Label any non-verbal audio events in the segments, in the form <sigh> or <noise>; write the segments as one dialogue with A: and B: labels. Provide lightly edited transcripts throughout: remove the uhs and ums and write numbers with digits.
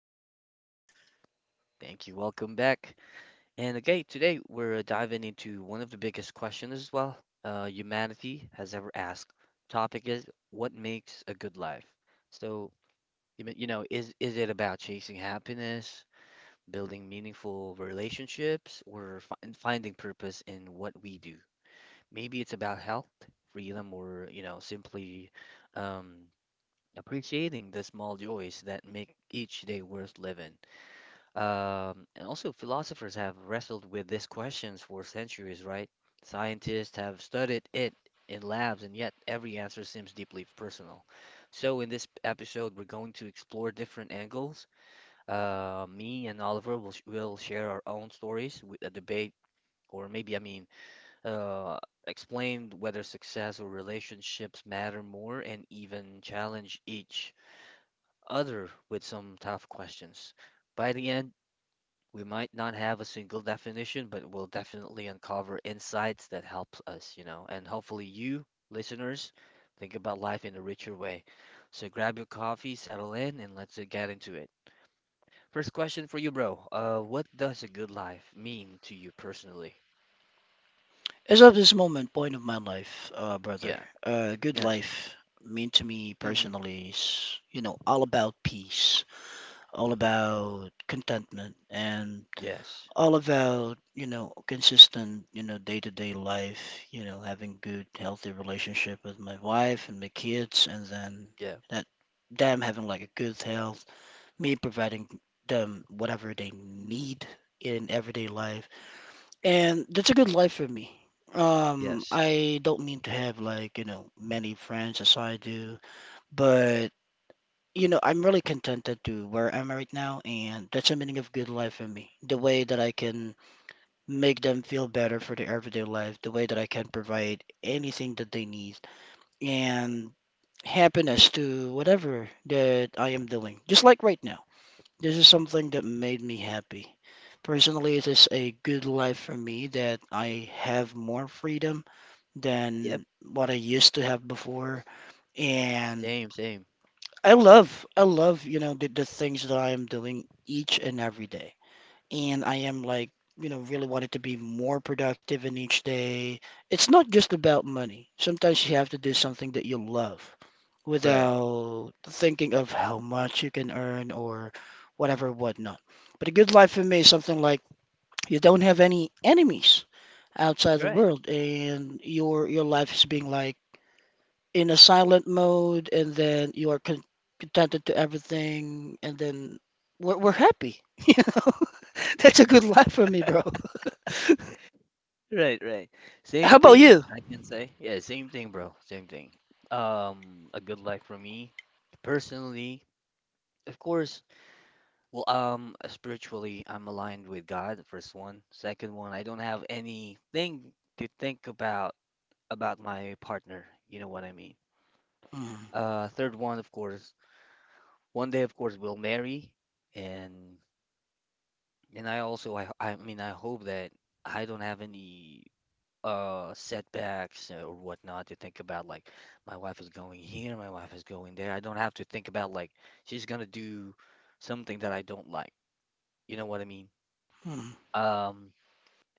A: me here, brother.
B: Thank you. Welcome back. And okay, today we're diving into one of the biggest questions as well, humanity has ever asked. Topic is, what makes a good life? So, you mean- you know, is it about chasing happiness, building meaningful relationships, or fi- and finding purpose in what we do. Maybe it's about health, freedom, or simply um, appreciating the small joys that make each day worth living. And also, philosophers have wrestled with these questions for centuries, right? Scientists have studied it in labs, and yet every answer seems deeply personal. So, in this episode, we're going to explore different angles. Me and Oliver will sh will share our own stories with a debate, or maybe uh, explain whether success or relationships matter more, and even challenge each other with some tough questions. By the end, we might not have a single definition, but we'll definitely uncover insights that helps us, and hopefully you, listeners, think about life in a richer way. So grab your coffee, settle in, and let's get into it. First question for you, bro. What does a good life mean to you personally?
A: As of this moment, point of my life, brother,
B: Yeah.
A: good
B: Yes.
A: life mean to me
B: Mm-hmm.
A: personally is, all about peace, all about contentment, and
B: Yes.
A: all about, consistent, day-to-day life, having good, healthy relationship with my wife and my kids, and then
B: Yeah.
A: that damn having like a good health me providing them whatever they need in everyday life. And that's a good life for me.
B: Yes.
A: I don't mean to have like, many friends as I do, but I'm really contented to where I'm right now, and that's the meaning of good life for me. The way that I can make them feel better for their everyday life, the way that I can provide anything that they need, and happiness to whatever that I am doing, just like right now. This is something that made me happy. Personally, it is a good life for me that I have more freedom
B: Yep.
A: than what I used to have before. And
B: Same. Same.
A: I love, the things that I am doing each and every day, and I am like, really wanted to be more productive in each day. It's not just about money. Sometimes you have to do
B: Mhm.
A: something that you love
B: Right.
A: without thinking of how much you can earn or whatever, whatnot. But a good life for me is something like you don't have any enemies outside the
B: Right.
A: world, and your life is being like in a silent mode, and then you are contented to everything, and then we're happy. <laughs> you know <laughs> that's a good life for me, bro.
B: Right. Right.
A: <laughs>
B: Same
A: How about
B: thing.
A: you?
B: I can say. Yeah. Same thing, bro. Same thing. A good life for me personally. Of course, well, spiritually, I'm aligned with God, the first one. Second one, I don't have anything to think about my partner. You know what I mean?
A: Mm,
B: Third one, of course, one day, of course, we'll marry, and and I also, I mean, I hope that I don't have any setbacks or whatnot to think about. Like, my wife is going here, my wife is going there. I don't have to think about like she's gonna do something that I don't like. You know what I mean?
A: mm,
B: Um,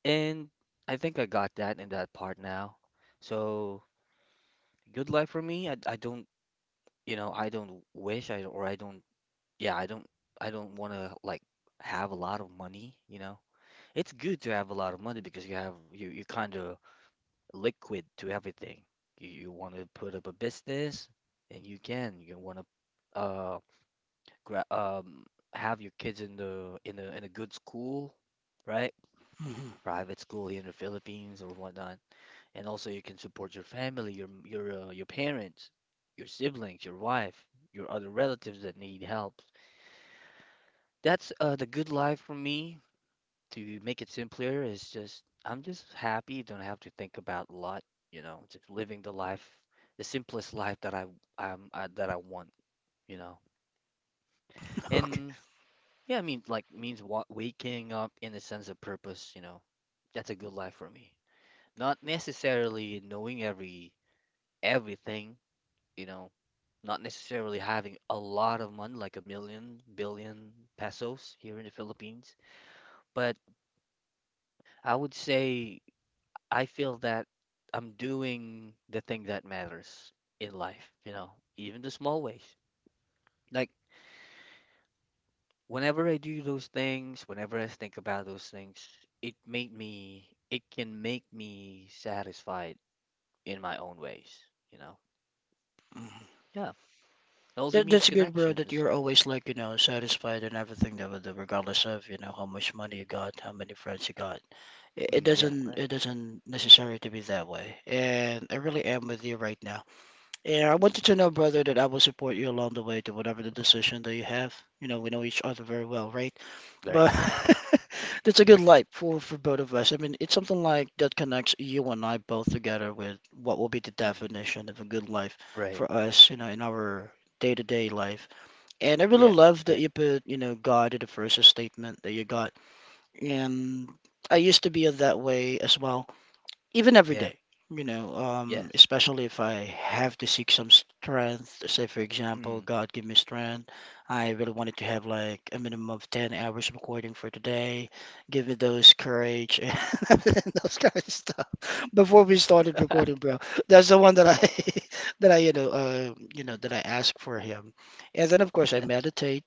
B: and I think I got that in that part now. So, good life for me. I don't, you know, I don't wish I or I don't Yeah, I don't want to like have a lot of money, you know. It's good to have a lot of money because you have you you kind of liquid to everything. You want to put up a business and you can. You want to uh gra have your kids in the in a good school, right?
A: mm.
B: Private school here in the Philippines or whatnot. And also you can support your family, your parents, your siblings, your wife, your other relatives that need help. That's the good life for me, to make it simpler is, just I'm just happy, don't have to think about a lot, you know, just living the life, the simplest life that I want, you know.
A: Okay,
B: And yeah, I mean like means wa waking up in a sense of purpose, you know. That's a good life for me. Not necessarily knowing everything, you know. Not necessarily having a lot of money, like a million, billion pesos here in the Philippines, but I would say I feel that I'm doing the thing that matters in life, you know, even the small ways. Like whenever I do those things, whenever I think about those things, it can make me satisfied in my own ways, you know. Yeah. It also
A: that,
B: means
A: that's good, bro, that
B: connections.
A: you're always like, satisfied and everything, that regardless of, how much money you
B: Mm,
A: got, how many friends you got. it, it
B: mm, yeah,
A: doesn't
B: right,
A: it
B: right.
A: doesn't necessary to be that way, and I really am with you right now. Yeah, I want you to know, brother, that I will support you along the way to whatever the decision that you have. We know each other very well, right?
B: Mm, right,
A: But
B: right.
A: <laughs> that's a good light for both of us. I mean, it's something like that connects you and I both together with what will be the
B: Mm,
A: definition of a good life
B: right.
A: for us, in our day-to-day life. And I really
B: Yeah,
A: love that
B: right.
A: you put, God in the first statement that you got. And I used to be that way as well, even every
B: Yeah.
A: day,
B: Yes.
A: especially if I have to seek some strength, say for example,
B: Mm,
A: God give me strength. I really wanted to have like a minimum of 10 hours of recording for today, give me those courage and <laughs> everything, those kind of stuff before we started recording, bro. That's the one that I <laughs> that I, that I ask for him. And then of course I meditate,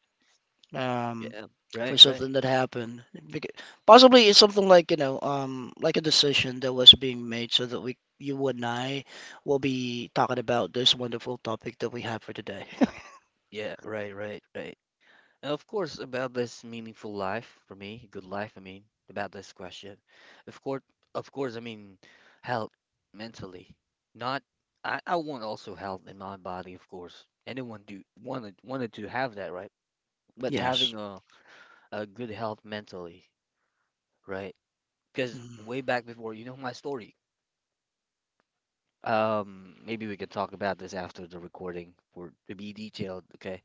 A: um,
B: yeah.
A: for
B: Right, right.
A: something that happened. Bec- Possibly it's something like, like a decision that was being made so that we, you and I will be talking about this wonderful topic that we have for today. <laughs>
B: Yeah, right, right, right. Of course, about this meaningful life for me, good life, I mean, about this question. Of course, of course, I mean health mentally. Not I, I want also health in my body, of course. Anyone do wanted to have that, right? But having
A: Yes.
B: a good health mentally, right? Because
A: Mm,
B: way back before, you know my story. Maybe we can talk about this after the recording for to be detailed, okay?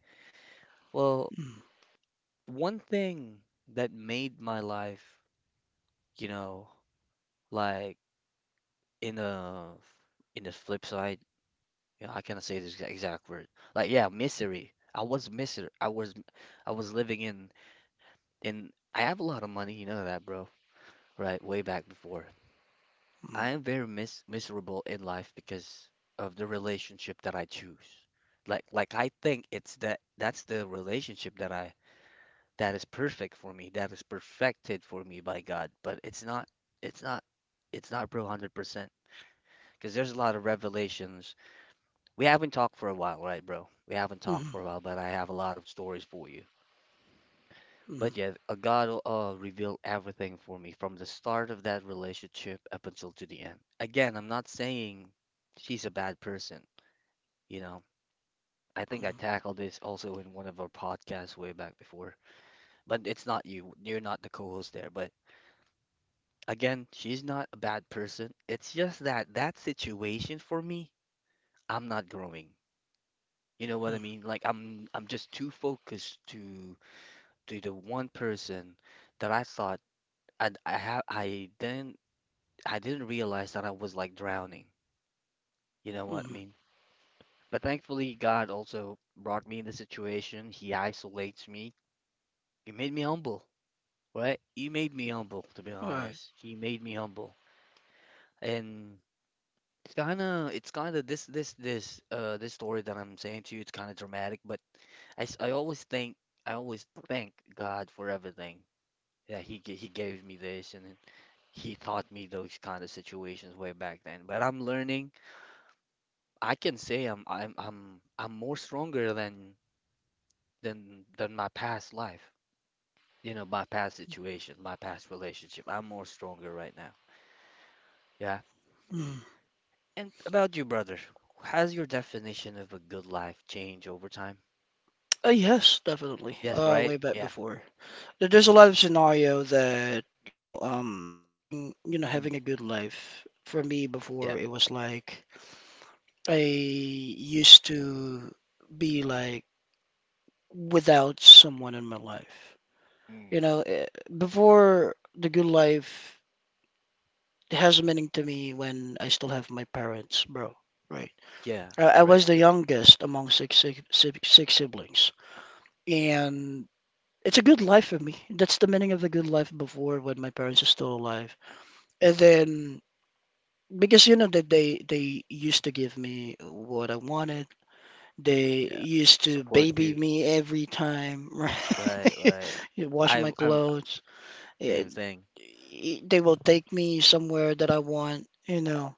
B: Well,
A: mm,
B: one thing that made my life, you know, like in a in the flip side, yeah, I cannot say this exact word. Like yeah, misery. I was living in I have a lot of money, you know that, bro. Right, way back before. I
A: mm,
B: am very miserable in life because of the relationship that I choose. Like I think it's that that's the relationship that I, that is perfect for me, that is perfected for me by God, but it's not it's not, bro, 100% because there's a lot of revelations. We haven't talked for a while, right, bro? We haven't talked for a
A: mm,
B: while, but I have a lot of stories for you.
A: mm,
B: But yeah, God revealed everything for me from the start of that relationship up until to the end. Again, I'm not saying she's a bad person, you know. I think I
A: mm,
B: tackled this also in one of our podcasts way back before, but it's not you. You're not the co-host there. But again, she's not a bad person. It's just that that situation for me, I'm not growing. You know what I
A: mm,
B: mean? Like I'm just too focused to the one person that I thought I I ha I didn't I didn't realize that I was like drowning. You know what I
A: mm.
B: mean? But thankfully, God also brought me in the situation. He isolates me. He made me humble, right? He made me humble, to be
A: All right.
B: honest. He made me humble, and it's kind of this this this this story that I'm saying to you. It's kind of dramatic, but I s- I always think I always thank God for everything. Yeah, he gave me this, and then he taught me those kind of situations way back then. But I'm learning. I can say I'm more stronger than than my past life. You know, my past situation, my past relationship. I'm more stronger right now. Yeah.
A: Mm.
B: And about you, brother, has your definition of a good life changed over time?
A: Yes, definitely.
B: Yes, right?
A: Way back
B: Yeah.
A: before. There's a lot
B: Mm,
A: of scenario that, being,
B: mm,
A: having a good life. For me,
B: yeah.
A: before it was like I used to be like without someone in my life.
B: Mm,
A: You know, eh, Before the good life has meaning to me when I still have my parents, bro. Right.
B: yeah.
A: I
B: Great,
A: was the
B: great.
A: youngest among six siblings. And it's a good life for me. That's the meaning of the good life before when my parents are still alive. And then, because you know that they used to give me what I wanted. They
B: Yeah.
A: used to
B: Support
A: baby
B: you.
A: me every time, <laughs>
B: Right,
A: right?
B: right.
A: You wash my
B: I
A: clothes.
B: same
A: It,
B: thing.
A: they will take me somewhere that I want, you know.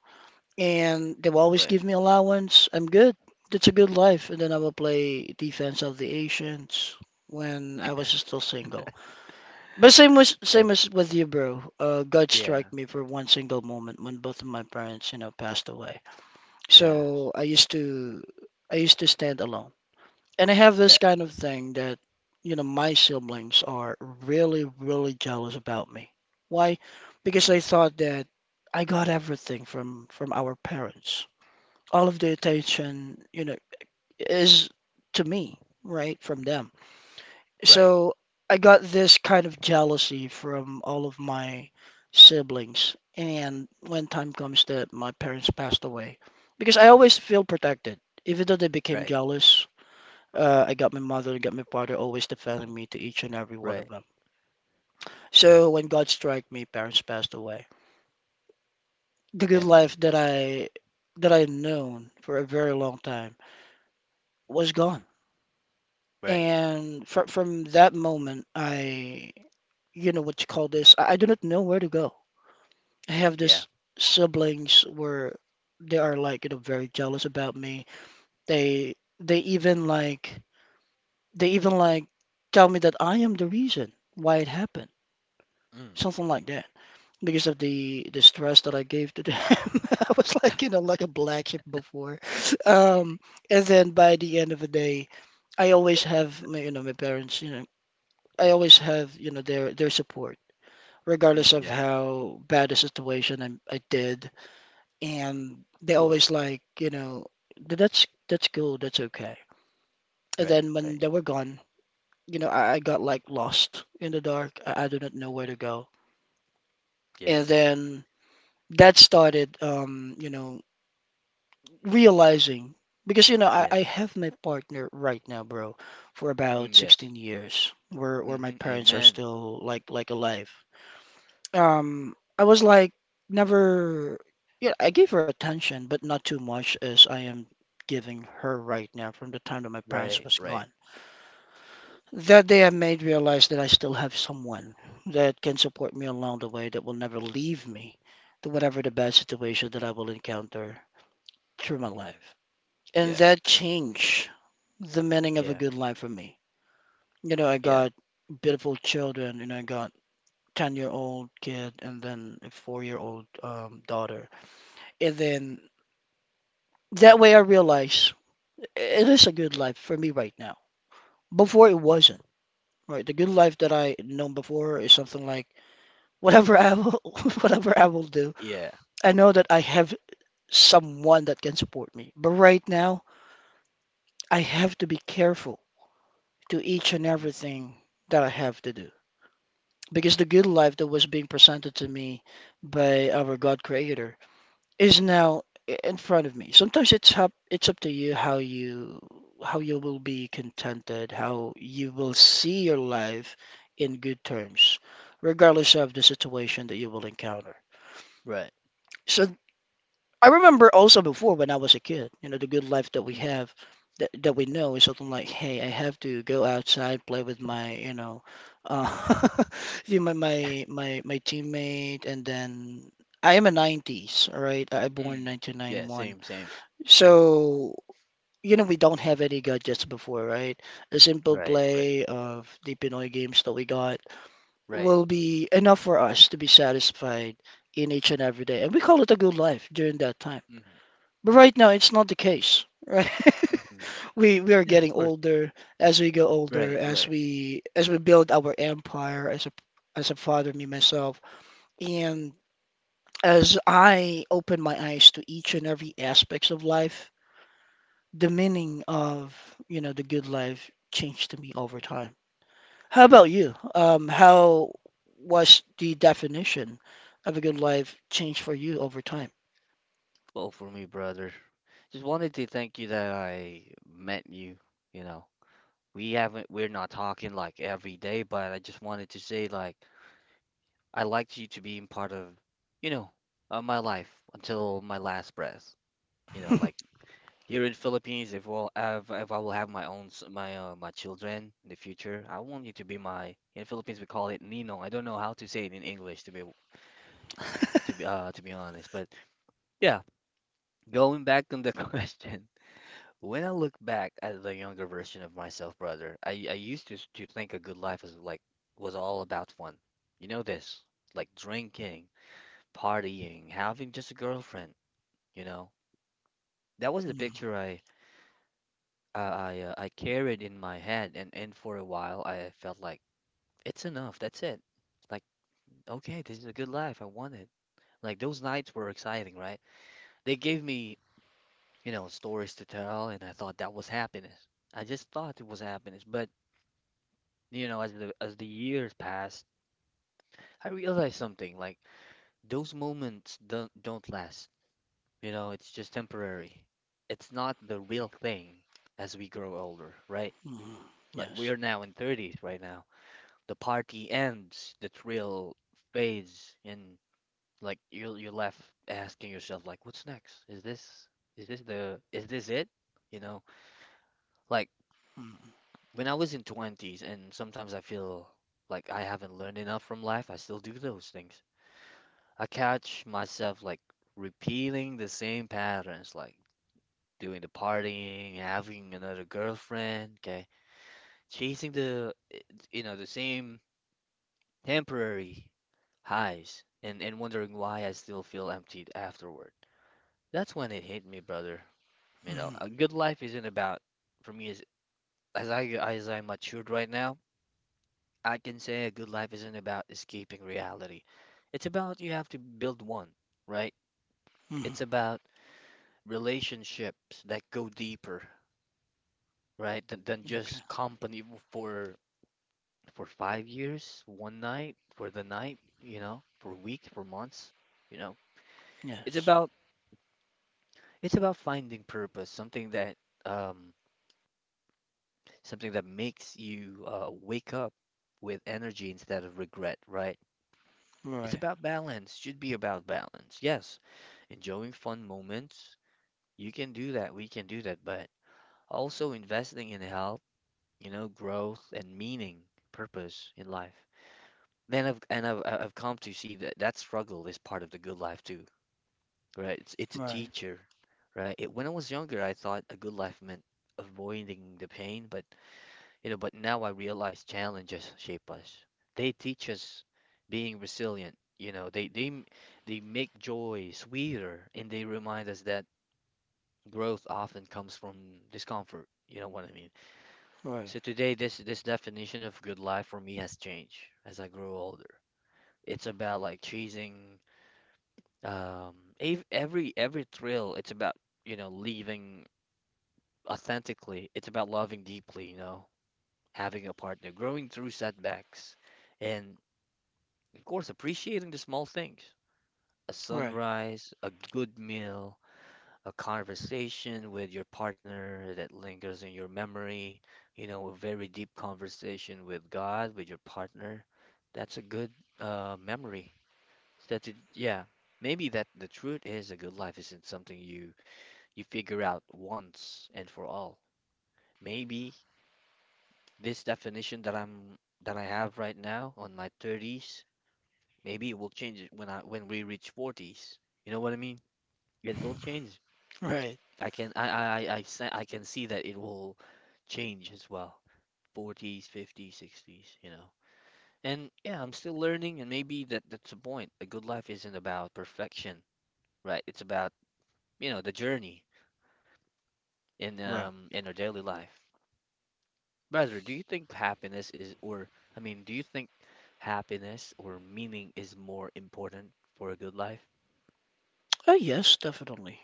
A: And they will always
B: Right.
A: give me allowance. I'm good. That's a good life. And then I will play Defense of the Ancients when I was still single. But same was
B: Okay.
A: same as with you, bro. God
B: Yeah.
A: strike me for one single moment when both of my parents, passed away.
B: Yeah.
A: So I used to stand alone, and I have
B: Yeah.
A: this kind of
B: Right.
A: thing that, my siblings are really, really jealous about me. Why? Because
B: Mm.
A: they thought that I got everything from our parents. All of the attention, is to me, right, from them.
B: Right.
A: So I got this kind of jealousy from all of my siblings. And when time comes that my parents passed away, because I
B: Mm.
A: always feel protected, even though they became
B: Right.
A: jealous, I got my mother, I got my father always defending me to each and every one of
B: Right.
A: them. So when God struck me, parents passed away. The good
B: Then.
A: life that I had known for a very long time was gone.
B: Right.
A: And fr from that moment, I, you know what you call this, I do not know where to go. I have
B: Yeah.
A: this siblings where they are like, very jealous about me. They they even like they even tell me that I am the reason why it happened,
B: Mm.
A: something like that, because of the stress that I gave to them. <laughs> I was like a black sheep before. Um, and then by the end of the day, I always have my, my parents, I always have, their support, regardless
B: Mm.
A: of
B: Yeah.
A: how bad the situation I did. And
B: Of
A: they always
B: course.
A: like, "That's cool, that's okay." And
B: Right.
A: then when
B: Right.
A: they were gone, I got like lost in the dark. I do not know where to go.
B: Yeah.
A: And then that started, realizing, because I
B: Yes.
A: have my partner right now, bro, for about
B: Mm, yes.
A: 16 years, where my
B: Mm-hmm.
A: parents are
B: Amen.
A: still like alive. I was like never, yeah, I gave her attention but not too much as I am giving her right now, from the time that my parents
B: Right.
A: was
B: Right.
A: gone. That day I made realize that I still have someone that can support me along the way, that will never leave me to whatever the bad situation that I will encounter through my
B: Mm.
A: life, and
B: Yeah.
A: that
B: Right.
A: changed the meaning of a
B: Yeah.
A: good life for me. You know, I
B: Yeah.
A: got beautiful children, and I got 10-year-old kid and then a 4-year-old daughter. And then that way I realize it is a good life for me right now. Before it
B: Hmm.
A: wasn't, right? The good life that I known before is something like, <laughs> whatever I will, <laughs> whatever I will do,
B: Yeah.
A: I know that I have someone that can support me. But right now, I have to be careful to each and
B: Hmm.
A: everything that I have to do, because the good life that was being presented to me by our God Creator is now in front of me. Sometimes it's up to you how you how you will be contented, how you will see your life in good terms, regardless of the situation that you will encounter.
B: Right.
A: So I remember also before, when I was a kid, the good life that we
B: Mm.
A: have, that that we know is something like, hey, I have to go outside, play with my, uh, <laughs> you my my my my teammate, and then I am a '90s, all right? I born in
B: Mm. Yeah.
A: 1991,
B: Same. Same.
A: so we don't have any gadgets before, right? The simple
B: Right. Right.
A: play of the Pinoy games that we got
B: Right.
A: will be enough for us to be satisfied in each and every day, and we call it a good life during that time.
B: Mm-hmm.
A: But right now, it's not the case, right? <laughs>
B: Mm-hmm.
A: We are
B: Yeah. Of
A: getting
B: course.
A: older. As we go older,
B: Right.
A: as
B: Right.
A: we build our empire as a father, me myself, and as I open my eyes to each and every aspects of life, the meaning of, the good life changed to me over time. How about you? How was the definition of a good life changed for you over time?
B: Well, for me, brother, just wanted to thank you that I met you. You know, we haven't, we're not talking like every day, but I just wanted to say, like, I liked you to being part of, you know, my life until my last breath. You know, like
A: <laughs>
B: here in Philippines, if I will have my own, my children in the future, I want you to be my. In Philippines, we call it Nino. I don't know how to say it in English, to be to be honest, but yeah, going back on the <laughs> question. When I look back at the younger version of myself, brother, I used to think a good life was was all about fun. You know this, like drinking, partying, having just a girlfriend, you know? That was the
A: Mm,
B: picture I carried in my head, and for a while I felt like it's enough, that's it. Like, okay, this is a good life. I want it. Like those nights were exciting, right? They gave me, you know, stories to tell, and I thought that was happiness. I just thought it was happiness, but you know, as the years passed, I realized something, like those moments don't last. You know, it's just temporary. It's not the real thing as we grow older, right?
A: mm.
B: Like we
A: Yes.
B: are now in 30s right now. The party ends, the thrill fades, and like you're left asking yourself like, what's next? Is this the is this it? You know, like
A: Mm,
B: when I was in 20s and sometimes I feel like I haven't learned enough from life, I still do those things. I catch myself like repeating the same patterns, like doing the partying, having another girlfriend, okay, chasing the you know, the same temporary highs, and wondering why I still feel emptied afterward. That's when it hit me, brother. You know,
A: mm,
B: a good life isn't about, for me, as I matured right now, I can say a good life isn't about escaping reality. It's about you have to build one, right?
A: mm.
B: It's about relationships that go deeper, right? Than
A: Okay.
B: just company for for 5 years, one night, for the night, you know, for a week, for months, you know. It's
A: Yes.
B: about it's about finding purpose, um something that makes you wake up with energy instead of regret, right? It's
A: Right.
B: about balance, should be about balance. Yes, enjoying fun moments. You can do that, we can do that, but also investing in health, you know, growth and meaning, purpose in life. Then I've and I've I- I've come to see that that struggle is part of the good life too, right? It's a
A: Right.
B: teacher, right? When I was younger, I thought a good life meant avoiding the pain, but now I realize challenges shape us. They teach us being resilient. You know, they make joy sweeter, and they remind us that growth often comes from discomfort. You know what I mean?
A: Right.
B: So today, this definition of good life for me has changed as I grow older. It's about like chasing every thrill. It's about, you know, living authentically. It's about loving deeply, you know, having a partner, growing through setbacks, and of course, appreciating the small things. A
A: Right.
B: sunrise, a good meal, a conversation with your partner that lingers in your memory, you know, a very deep conversation with God, with your partner. That's a good memory. Yeah, maybe that the truth is a good life isn't something you figure out once and for all. Maybe this definition that I have right now on my 30s, maybe it will change it when we reach 40s. You know what I mean? It will change.
A: Right.
B: I can I se- I can see that it will change as well. 40s, 50s, 60s, you know. And yeah, I'm still learning and maybe that that's the point. A good life isn't about perfection, right? It's about, you know, the journey in
A: Right.
B: um in our daily life. Brother, do you think happiness is, or I mean, do you think happiness or meaning is more important for a good life,
A: Oh yes, definitely.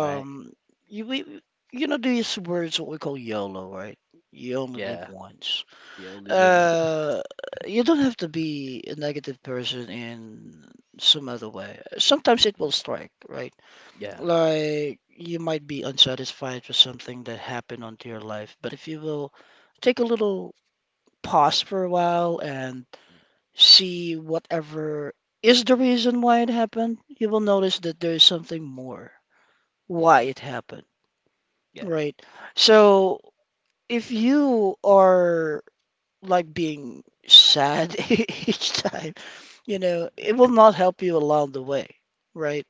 B: right?
A: you we you know these words what we call YOLO, right? You only live
B: Yeah.
A: once.
B: We only live. <laughs>
A: Uh, you don't have to be a negative person in some other way. Sometimes it
B: Mm,
A: will strike, right?
B: yeah.
A: Like you might be unsatisfied with something that happened onto your life, but if you will take a little pause for a while and
B: Mm,
A: see whatever is the reason why it happened, you will notice that there is something more
B: mm,
A: why
B: mm,
A: it happened,
B: yeah.
A: right? So if you are like being sad <laughs> each time, it will not help you along the way, right?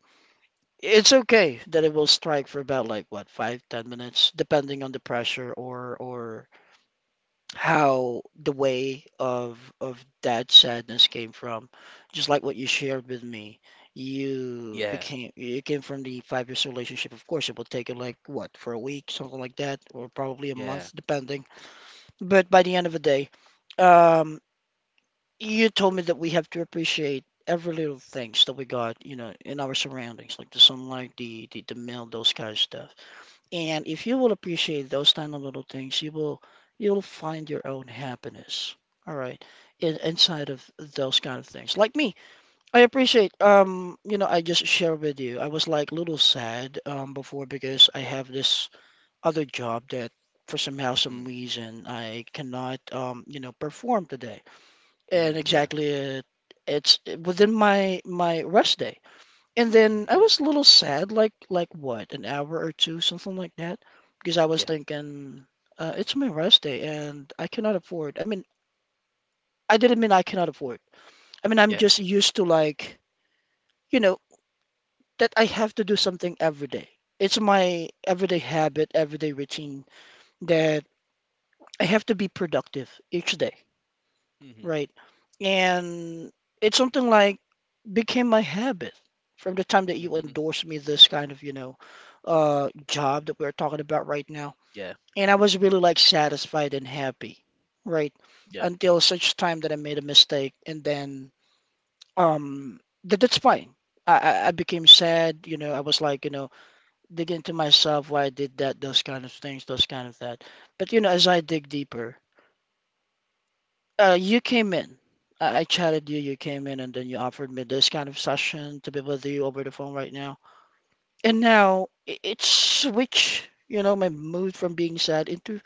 A: It's okay that it will strike for about like what, 5, 10 minutes, depending on the pressure or how the way of that sadness came from. Just like what you shared with me, you
B: Yeah.
A: became it came from the 5 years relationship. Of course, it will take you like what for a week, something like that, or probably a
B: Yeah.
A: month, depending. But by the end of the day, um, you told me that we have to appreciate every little things that we got in our surroundings, like the sunlight, the mail, those kind of stuff. And if you will appreciate those tiny little things, you'll find your own happiness. All right, inside of those kind of things. Like me, I appreciate. I just share with you. I was like a little sad before
B: Mm,
A: because I have this other job that for somehow some
B: mm.
A: reason I cannot perform today. And
B: Mm, yeah.
A: exactly, it's within my rest day. And then
B: Mm,
A: I
B: yeah.
A: was a little sad, like what, an hour or two, something like that, because I was
B: Yeah.
A: thinking, it's my rest day and I cannot afford. I mean, I didn't mean I cannot afford. I mean, I'm
B: Yeah.
A: just used to like, you know, that I have to do something every day. It's my everyday habit, everyday routine that I have to be productive each day,
B: Mhm.
A: right? And it's something like became my habit from the time that you
B: Mhm.
A: endorsed me this kind of job that we're talking about right now.
B: Yeah.
A: And I was really like satisfied and happy, right?
B: Yeah.
A: Until such time that I made a mistake, and then um that's fine. I became sad, I was like, digging to myself why I did that, those kind of things, those kind of that. But as I dig deeper, you came in. I chatted you, you came in, and then you offered me this kind of session to be with you over the phone right now. And now it switched my mood from being sad into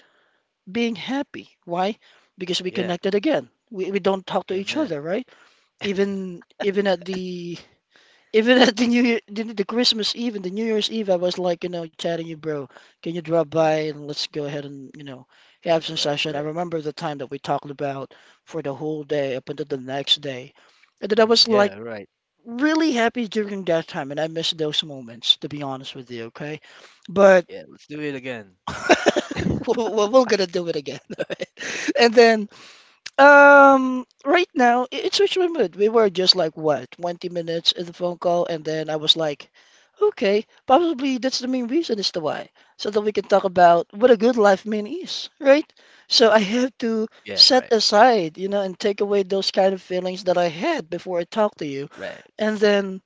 A: being happy. Why? Because we
B: Yeah.
A: connected again. We don't talk to each
B: Amen.
A: other, right? Even at the <laughs> even at the New Year, the Christmas Eve and the New Year's Eve, I was like, chatting you, bro. Can you drop by
B: Mm.
A: and let's go ahead and have
B: Yeah,
A: some
B: right,
A: session. I
B: right.
A: remember the time that we talked about for the whole day up until the next day, and then I
B: Mm,
A: was like
B: yeah, right.
A: really happy during that time, and I miss those moments, to be honest with you, okay? But
B: Yeah, let's do it again.
A: <laughs> we're gonna do it again, <laughs> alright? And then, right now, it's switched my mood. We were just like, what, 20 minutes in the phone call, and then I was like, okay, probably that's the main reason as to why, so that we can talk about what a good life mean is, right? So I have to
B: Yeah,
A: set
B: right.
A: aside and take away those kind of feelings that I had before I talk to you.
B: Right.
A: And then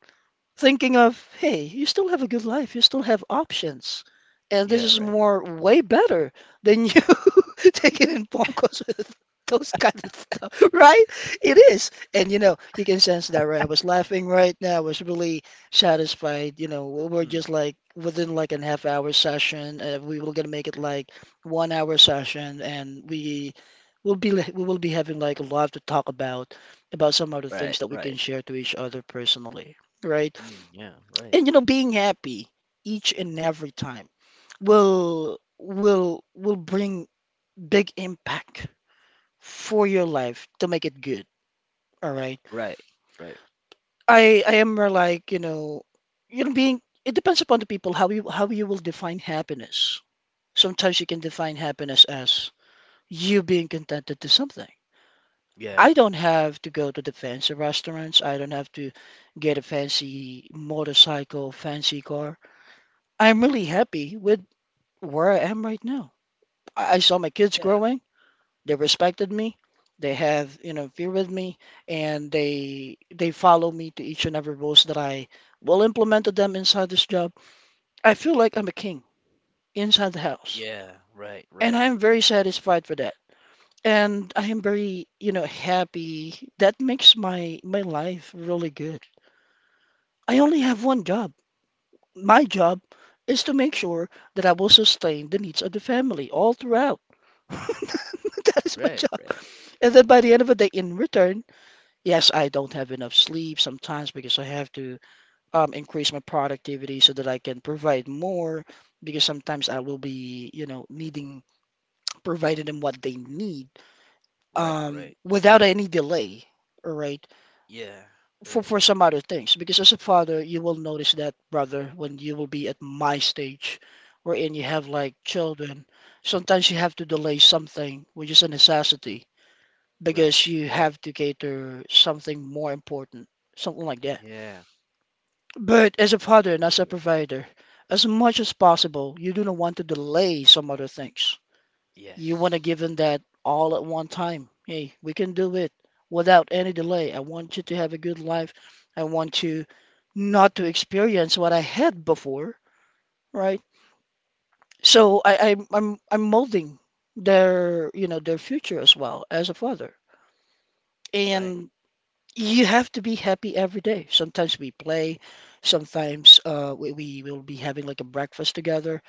A: thinking of, hey, you still have a good life, you still have options, and this
B: Yeah,
A: is
B: right.
A: more way better than you <laughs> taking in phone calls <laughs> with those kind of stuff, <laughs> right? It is. And you can sense that, right? I was laughing right now. I was really satisfied. We're just
B: Mm.
A: like within like an half hour session. We were gonna make it like 1 hour session, and we will be we will be having like a lot to talk about some other things
B: Right,
A: that we can
B: right.
A: share to each other personally, right?
B: Mm, yeah, right.
A: And being happy each and every time will bring big impact for your life to make it good, all right?
B: Right. Right.
A: I am more like you know being it depends upon the people how you will define happiness. Sometimes you can define happiness as you being contented to something.
B: Yeah.
A: I don't have to go to the fancy restaurants. I don't have to get a fancy motorcycle, fancy car. I'm really happy with where I am right now. I saw my kids
B: Yeah.
A: growing. They respected me. They have fear with me, and they follow me to each and every rules that I will implement to them inside this job. I feel like I'm a king inside the house,
B: Yeah, right,
A: and I
B: right.
A: am very satisfied for that. And I am very happy. That makes my life really good. I only have one job. My job is to make sure that I will sustain the needs of the family all throughout. <laughs> That is my
B: Right,
A: job.
B: right.
A: And then by the end of the day, in return, yes, I don't have enough sleep sometimes because I have to increase my productivity so that I can provide more. Because sometimes I will be, you know, needing providing them what they need,
B: Right, right.
A: without any delay. All right,
B: Yeah,
A: for
B: right.
A: for some other things. Because as a father, you will notice that, brother, when you will be at my stage, wherein you have like children, sometimes you have to delay something, which is a necessity
B: Right.
A: because you
B: You're right.
A: have to cater something more important, something like that.
B: Yeah.
A: But as a
B: I
A: father and
B: didn't
A: as a
B: do that.
A: provider, as much as possible, you do not want to delay some other things. You want to
B: Yes.
A: give them that all at one time. Hey, we can do it without any delay. I want you to have a good life. I want you not to experience what I had before, right? So I, I'm molding their you know their future as well as a father.
B: Right.
A: And you have to be happy every day. Sometimes we play, sometimes we will be having like a breakfast together,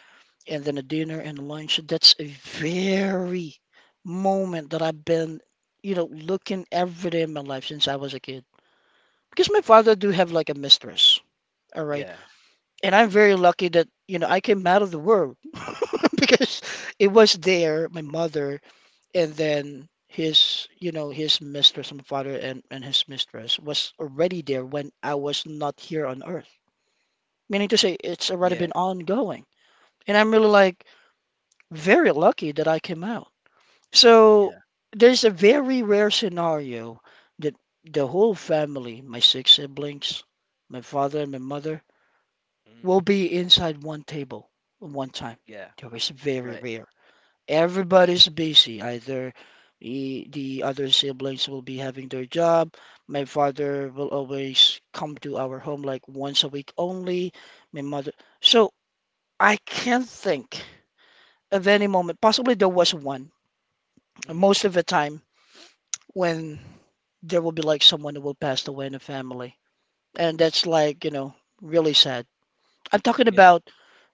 A: and then a dinner and a lunch. That's a very moment that I've been looking every day in my life since I was a kid. Because my father do have like a mistress, all right?
B: Yeah.
A: And I'm very lucky that I came out of the world <laughs> because it was there, my mother, and then his you know his mistress, my father, and his mistress was already there when I was not here on earth, meaning to say it's already
B: Yeah.
A: been ongoing. And I'm really, like, very lucky that I came out, so
B: Yeah.
A: there's a very rare scenario that the whole family, my six siblings, my father and my mother, will
B: Mm.
A: be inside one table at one time.
B: Yeah.
A: That was very
B: Right.
A: rare. Everybody's busy. Either the other siblings will be having their job. My father will always come to our home like once a week only. My mother. So I can't think of any moment. Possibly there was one.
B: Mm,
A: Most of the time when there will be like someone who will pass away in the family. And that's like really sad. I'm talking
B: yeah,
A: about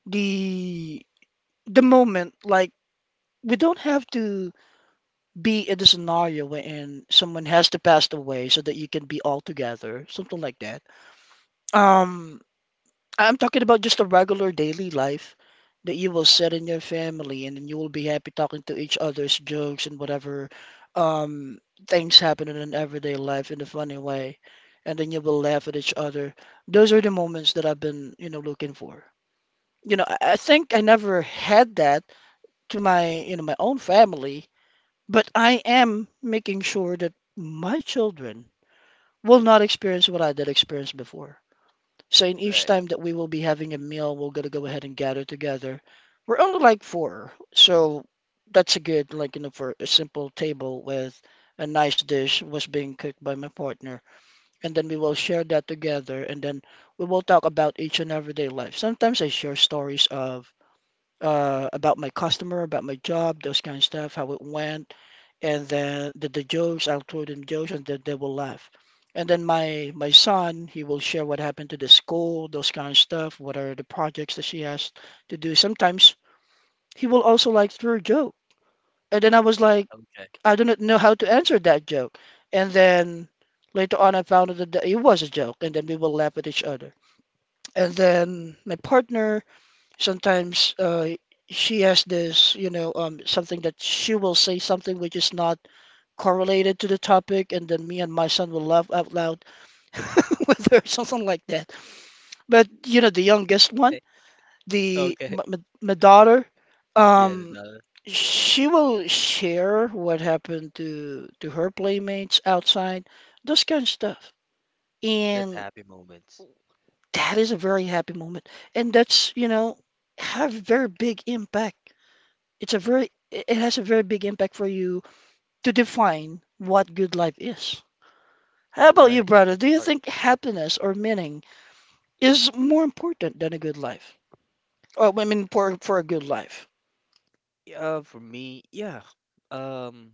A: the the moment like we don't have to be in the scenario wherein someone has to pass away so that you can be all together, something like that. Um, I'm talking about just a regular daily life that you will sit in your family and then you will be happy talking to each other's jokes and whatever um, things happen in an everyday life in a funny way. And then you will laugh at each other. Those are the moments that I've been looking for. I think I never had that to my own family, but I am making sure that my children will not experience what I did experience before. So in each
B: right.
A: time that we will be having a meal, we're gonna go ahead and gather together. We're only like four, so that's a good, for a simple table with a nice dish was being cooked by my partner, and then we will share that together, and then we will talk about each and everyday life. Sometimes I share stories of, about my customer, about my job, those kind of stuff, how it went, and then the jokes. I'll throw them jokes, and then they will laugh. And then my son, he will share what happened to the school, those kind of stuff. What are the projects that she has to do? Sometimes he will also like throw a joke, and then I was like,
B: Okay. <laughs>
A: I do not know how to answer that joke. And then later on, I found out that it was a joke, and then we will laugh at each other. And then my partner, sometimes she has this, something that she will say something which is not correlated to the topic, and then me and my son will laugh out loud <laughs> with her, something like that. But you know, the youngest one, the
B: Okay.
A: my, my my daughter,
B: Yeah,
A: um,
B: no,
A: she will share what happened to her playmates outside, those kind of stuff,
B: that's
A: and
B: happy moments.
A: that is a very happy moment, and that's, you know, have very big impact. It's a very it has a very big impact for you to define what good life is. How about you,
B: Right.
A: brother?
B: It's
A: Do you
B: art.
A: think happiness or meaning is more important than a good life? Oh, I mean, for a good life.
B: For me, yeah. Um,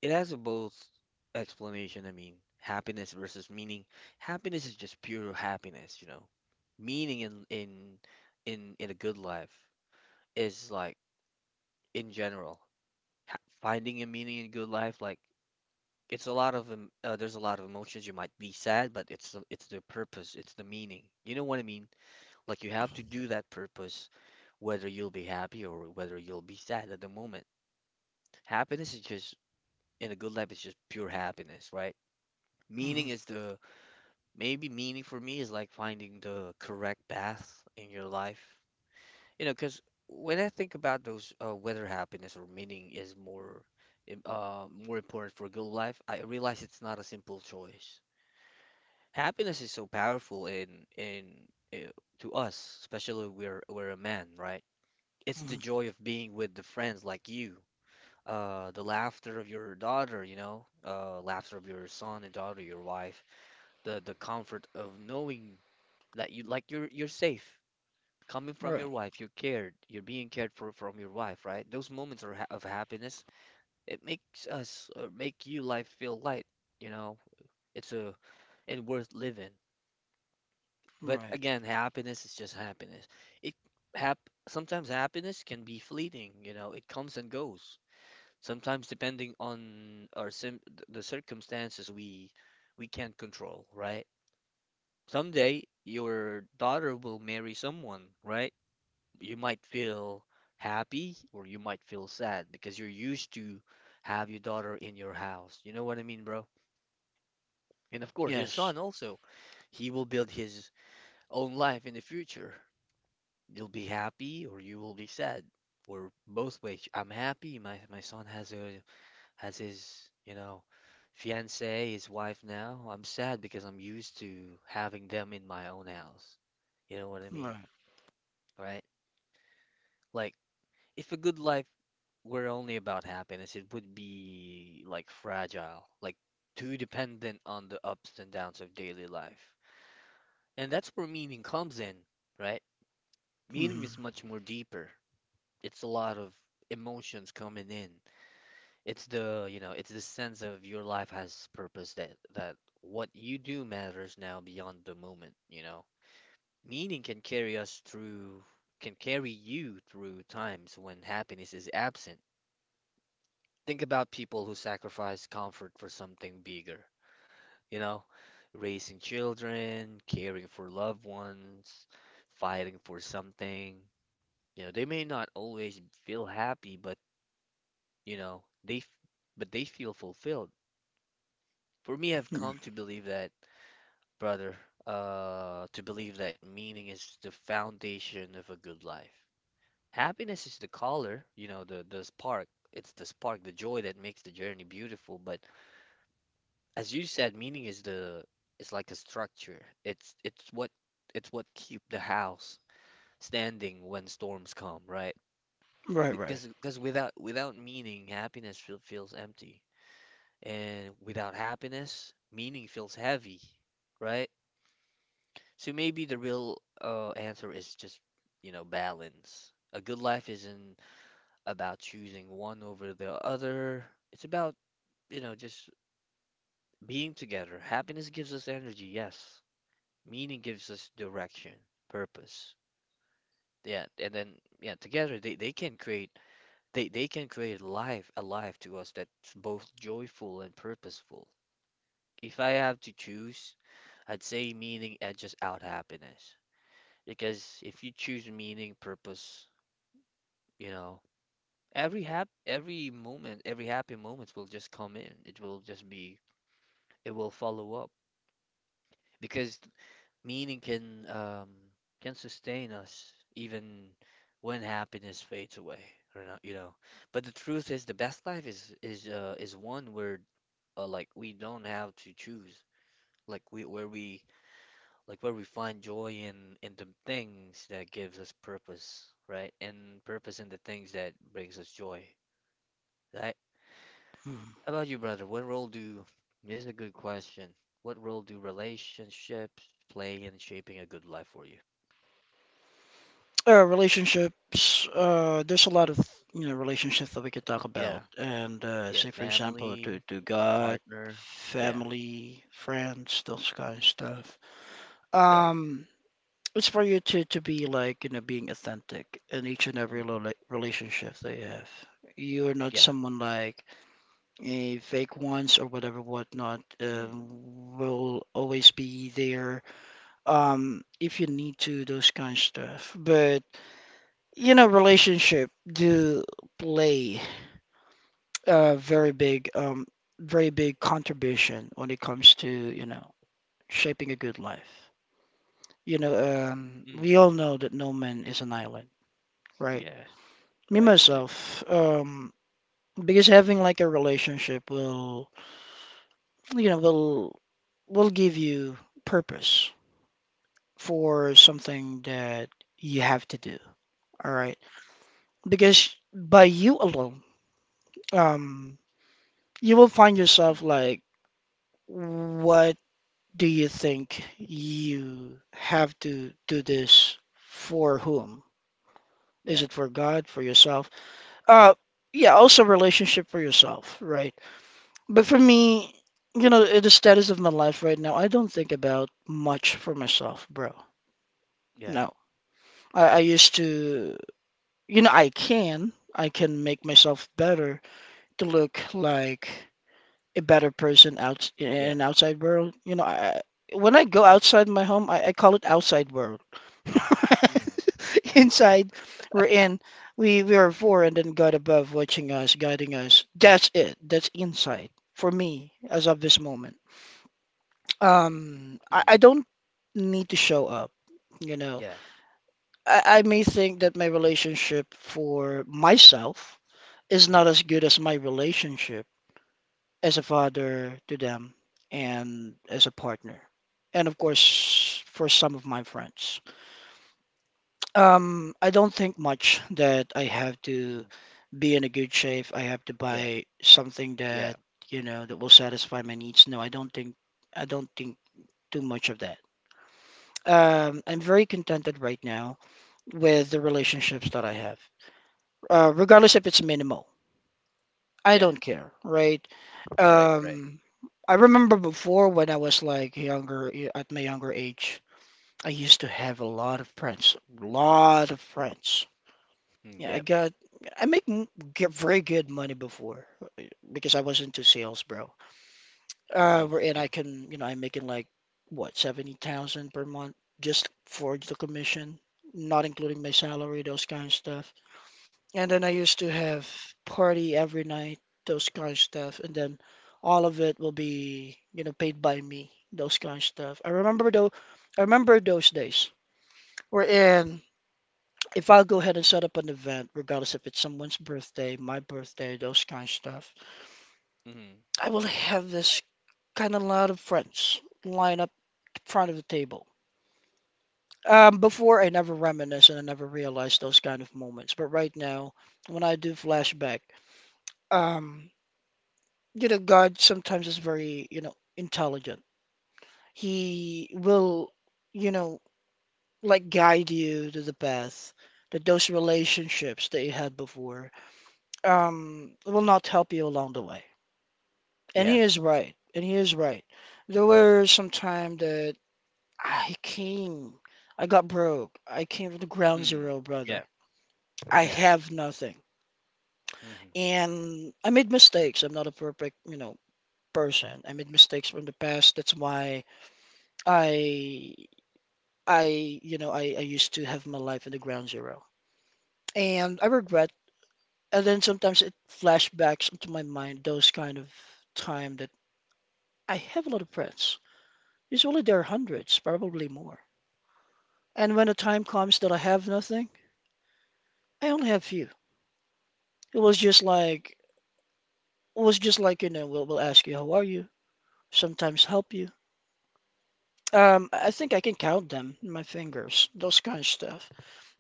B: it has a both explanation. I mean, happiness versus meaning. Happiness is just pure happiness, you know. Meaning in a good life is like in general, ha finding a meaning in good life. Like it's a lot of there's a lot of emotions. You might be sad, but it's the purpose. It's the meaning. You know what I mean? Like you have to do that purpose, whether you'll be happy or whether you'll be sad at the moment. Happiness is just, in a good life, is just pure happiness, right? Meaning
A: Hmm.
B: is the, maybe meaning for me is like finding the correct path in your life. You know, because when I think about those, whether happiness or meaning is more more important for good life, I realize it's not a simple choice. Happiness is so powerful in uh, to us, especially we're a man, right? It's the
A: Hmm.
B: joy of being with the friends like you, the laughter of your daughter, you know, laughter of your son and daughter, your wife, the comfort of knowing that you, like, you're safe. Coming from
A: Right,
B: your wife, you're cared, you're being cared for from your wife, right? Those moments are ha of happiness. It makes us, or make you life feel light, you know. It's a, and worth living. But
A: right.
B: again, happiness is just happiness. It hap Sometimes happiness can be fleeting, you know, it comes and goes. Sometimes depending on our the circumstances we can't control, right? Someday your daughter will marry someone, right? You might feel happy or you might feel sad because you're used to have your daughter in your house. You know what I mean, bro? And of course, your
A: Yes.
B: son also, he will build his own life in the future. You'll be happy or you will be sad. Or both ways. I'm happy my son has a, as his, you know, fiancee, his wife now. I'm sad because I'm used to having them in my own house. You know what I mean,
A: Right.
B: right? Like, if a good life were only about happiness, it would be like fragile, like too dependent on the ups and downs of daily life. And that's where meaning comes in, right? Meaning is
A: Mm-hmm.
B: much more deeper. It's a lot of emotions coming in. It's the, you know, it's the sense of your life has purpose, that that what you do matters now beyond the moment, you know. Meaning can carry us through, can carry you through times when happiness is absent. Think about people who sacrifice comfort for something bigger, you know, raising children, caring for loved ones, fighting for something. You know, they may not always feel happy, but you know, but they feel fulfilled. For me, I've come
A: Mm-hmm.
B: to believe that, brother, to believe that meaning is the foundation of a good life. Happiness is the color, you know, the spark. It's the spark, the joy that makes the journey beautiful. But as you said, meaning is the, it's like a structure. It's what keep the house standing when storms come, right?
A: Right, right.
B: Because without without meaning, happiness feels empty, and without happiness, meaning feels heavy, right? So maybe the real, answer is just, you know, balance. A good life isn't about choosing one over the other. It's about, you know, just being together. Happiness gives us energy, yes. Meaning gives us direction, purpose. Yeah, and then yeah, together they can create life a life to us that's both joyful and purposeful. If I have to choose, I'd say meaning edges out happiness. Because if you choose meaning, purpose, you know, every moment, every happy moments will just come in. It will just be, it will follow up because meaning can sustain us even when happiness fades away. Or not, you know. But the truth is, the best life is is one where, like, we don't have to choose. Like we where we like Where we find joy in the things that gives us purpose, right? And purpose in the things that brings us joy. I,
A: Mm.
B: how about you, brother? What role do, this is a good question. What role do relationships play in shaping a good life for you?
A: Relationships. There's a lot of you know relationships that we could talk about,
B: Yeah.
A: and
B: Yeah.
A: say for example, to
B: Family,
A: to God,
B: partner. Yeah.
A: family, friends, those kind of stuff.
B: Yeah.
A: Um, it's for you to be like, you know, being authentic in each and every
B: Mm.
A: relationship that you have. You're not
B: Yeah.
A: someone like a fake ones or whatever whatnot
B: Mm.
A: will always be there if you need to, those kind of stuff. But you know, relationship do play a very big very big contribution when it comes to, you know, shaping a good life. You know, we
B: Mm.
A: all know that no man is an island. Right.
B: Yeah.
A: Me
B: Right. Right.
A: myself, because having like a relationship will, you know, will give you purpose for something that you have to do. All right. Because by you alone, um, you will find
B: Mm.
A: yourself like, what do you think you have to do this for whom? Is
B: Yeah.
A: it for God, for yourself? Uh, yeah, also relationship for yourself, right? But for me, you know, the status of my life right now, I don't think about much for myself, bro.
B: Yeah.
A: No. I used to, you know, I can make myself better to look like a better person out in
B: Yeah.
A: an outside world. You know, I, when I go outside my home, I call it outside world. <laughs>
B: Mm.
A: Inside, we're in, we are four, and then God above watching us, guiding us. That's it. That's inside for me as of this moment. Um, I,
B: Mm.
A: I don't need to show up, you know.
B: Yeah.
A: I may think that my relationship for myself is not as
B: Mm.
A: good as my relationship as a father to them and as a partner. And of course, for some of my friends. I don't think much that I have to
B: Mm.
A: be in a good shape. I have to
B: Yeah.
A: buy something
B: Yeah.
A: that, you know, that will satisfy my needs. No, I don't think too much of that. I'm very contented right now with the relationships that I have,
B: Yeah.
A: regardless if it's minimal. I
B: Yeah.
A: don't care, right?
B: Right. Right.
A: Um, I remember before when I was like younger, at my younger age, I used to have a lot of friends, a lot of friends.
B: Mm.
A: Yeah,
B: Yeah.
A: I make m- get very good money before because I was into sales, bro.
B: Mm.
A: And
B: Yeah.
A: I can, you know, I'm making like what, 70,000 per month just for the commission, not including my salary, those kind of stuff. And then I used to have party every night, those kind of stuff. And then all of it will be, you know, paid by me, those kind of stuff. I remember those days. Wherein, if I'll go ahead and set up an event, regardless if it's someone's birthday, my birthday, those kind of stuff,
B: Mm.
A: I will have this kind of lot of friends line up front of the table. Before I never reminisce and I never realized those kind of moments, but right now, when I do flashback, um, you know, God sometimes is very, you know, intelligent. He will, you know, like guide you to the path that those relationships that you had before will not help you along the way.
B: Yeah.
A: And he is right. And he is right. There were some time that I came, I got broke. I came from the ground
B: Mm.
A: zero,
B: Yeah.
A: brother. I
B: Yeah.
A: have nothing.
B: Mm.
A: And I made mistakes. I'm not a perfect, you know, person. I made mistakes from the past. That's why I you know, I used to have my life in the ground zero. And I regret. And then sometimes it flashbacks into my mind those kind of time that I have a lot of friends. Usually there are hundreds, probably more. And when the time comes that I have nothing, I only have few. It was just like it was just like, you know, we'll ask you how are you, sometimes help you. I think I can count them in my fingers, those kind of stuff.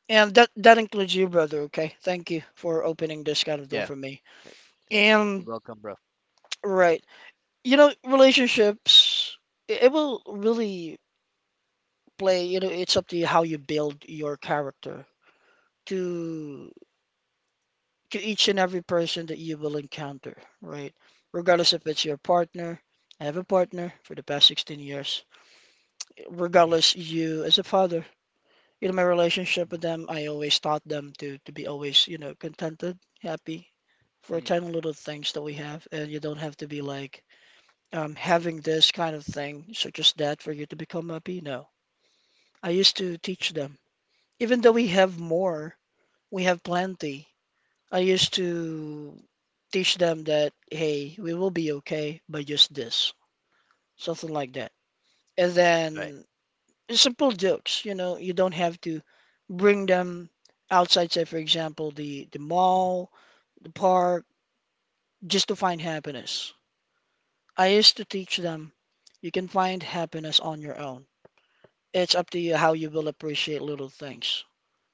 A: And that includes you, brother, okay? Thank you for opening this kind of door
B: Yeah.
A: for me.
B: Thank Thank you.
A: And
B: Welcome, bro.
A: right. You know, relationships, it will really play, you know, it's up to you how you build your character to each and every person that you will encounter, right? Regardless if it's your partner, I have a partner for the past 16 years. Regardless you as a father, you know, my relationship with
B: Mm-hmm.
A: them, I always taught them to be always, you know, contented, happy for
B: Hmm.
A: tiny little things that we have, and you don't have to be like having this kind of thing, such as that, for you to become a Pino. I used to teach them. Even though we have more, we have plenty. I used to teach them that, hey, we will be okay by just this, something like that. And
B: Right.
A: then simple jokes, you know, you don't have to bring them outside, say, for example, the mall, the park, just to find happiness. I used to teach them you can find happiness on your own. It's up to you how you will appreciate little things.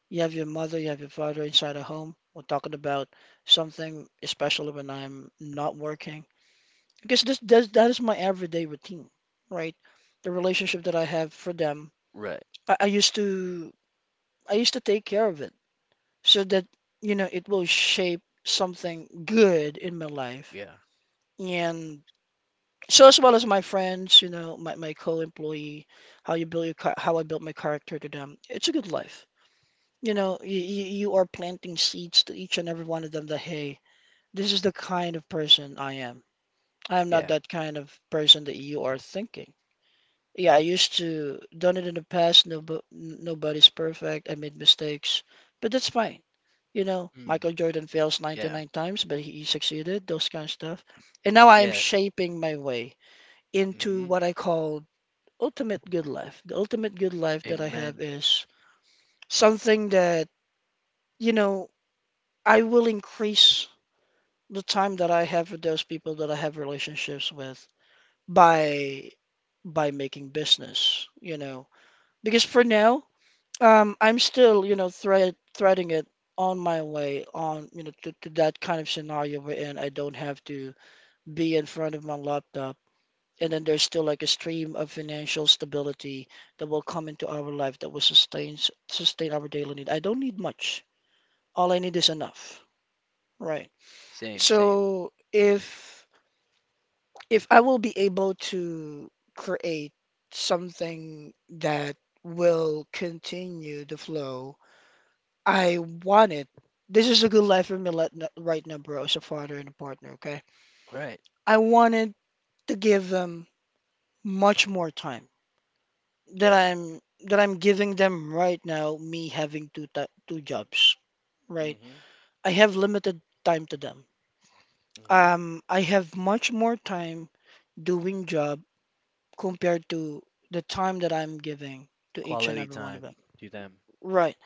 A: You have your mother, you have your father inside a home. We're talking about something, especially when I'm not working, because this that is my everyday routine, right? The relationship that I have for them,
B: Right.
A: I used to I used to take care of it so that you know it will shape something good in my life.
B: Yeah.
A: And so as well as my friends, you know, my co-employee, how you build your char- how I built my character to them. It's a good life. You know, you are planting seeds to each and every one of them that, hey, this is the kind of person I am. I am not
B: Yeah.
A: that kind of person that you are thinking. Yeah, I used to done it in the past. No, nobody's perfect. I made mistakes, but that's fine. You know,
B: Mm.
A: Michael Jordan fails
B: Yeah.
A: 99 times, but he succeeded, those kind of stuff. And now I am
B: Yeah.
A: shaping my way into
B: Mm-hmm.
A: what I call ultimate good life. The ultimate good life that I have
B: Amen.
A: is something that, you know, I will increase the time that I have with those people that I have relationships with by making business, you know. Because for now, I'm still, you know, threading it on my way on, you know, to that kind of scenario wherein I don't have to be in front of my laptop. And then there's still like a stream of financial stability that will come into our life that will sustain our daily need. I don't need much. All I need is enough, right?
B: Same. Same.
A: So if I will be able to create something that will continue the flow, I want it. This is a good life for me right now, bro, as a father and a partner, okay?
B: Right.
A: I wanted to give them much more time that
B: Yeah.
A: I'm that I'm giving them right now, me having two jobs, right?
B: Mm-hmm.
A: I have limited time to them.
B: Mm-hmm.
A: I have much more time doing job compared to the time that I'm giving to each and
B: Quality
A: every one of
B: time
A: them.
B: to them.
A: Right.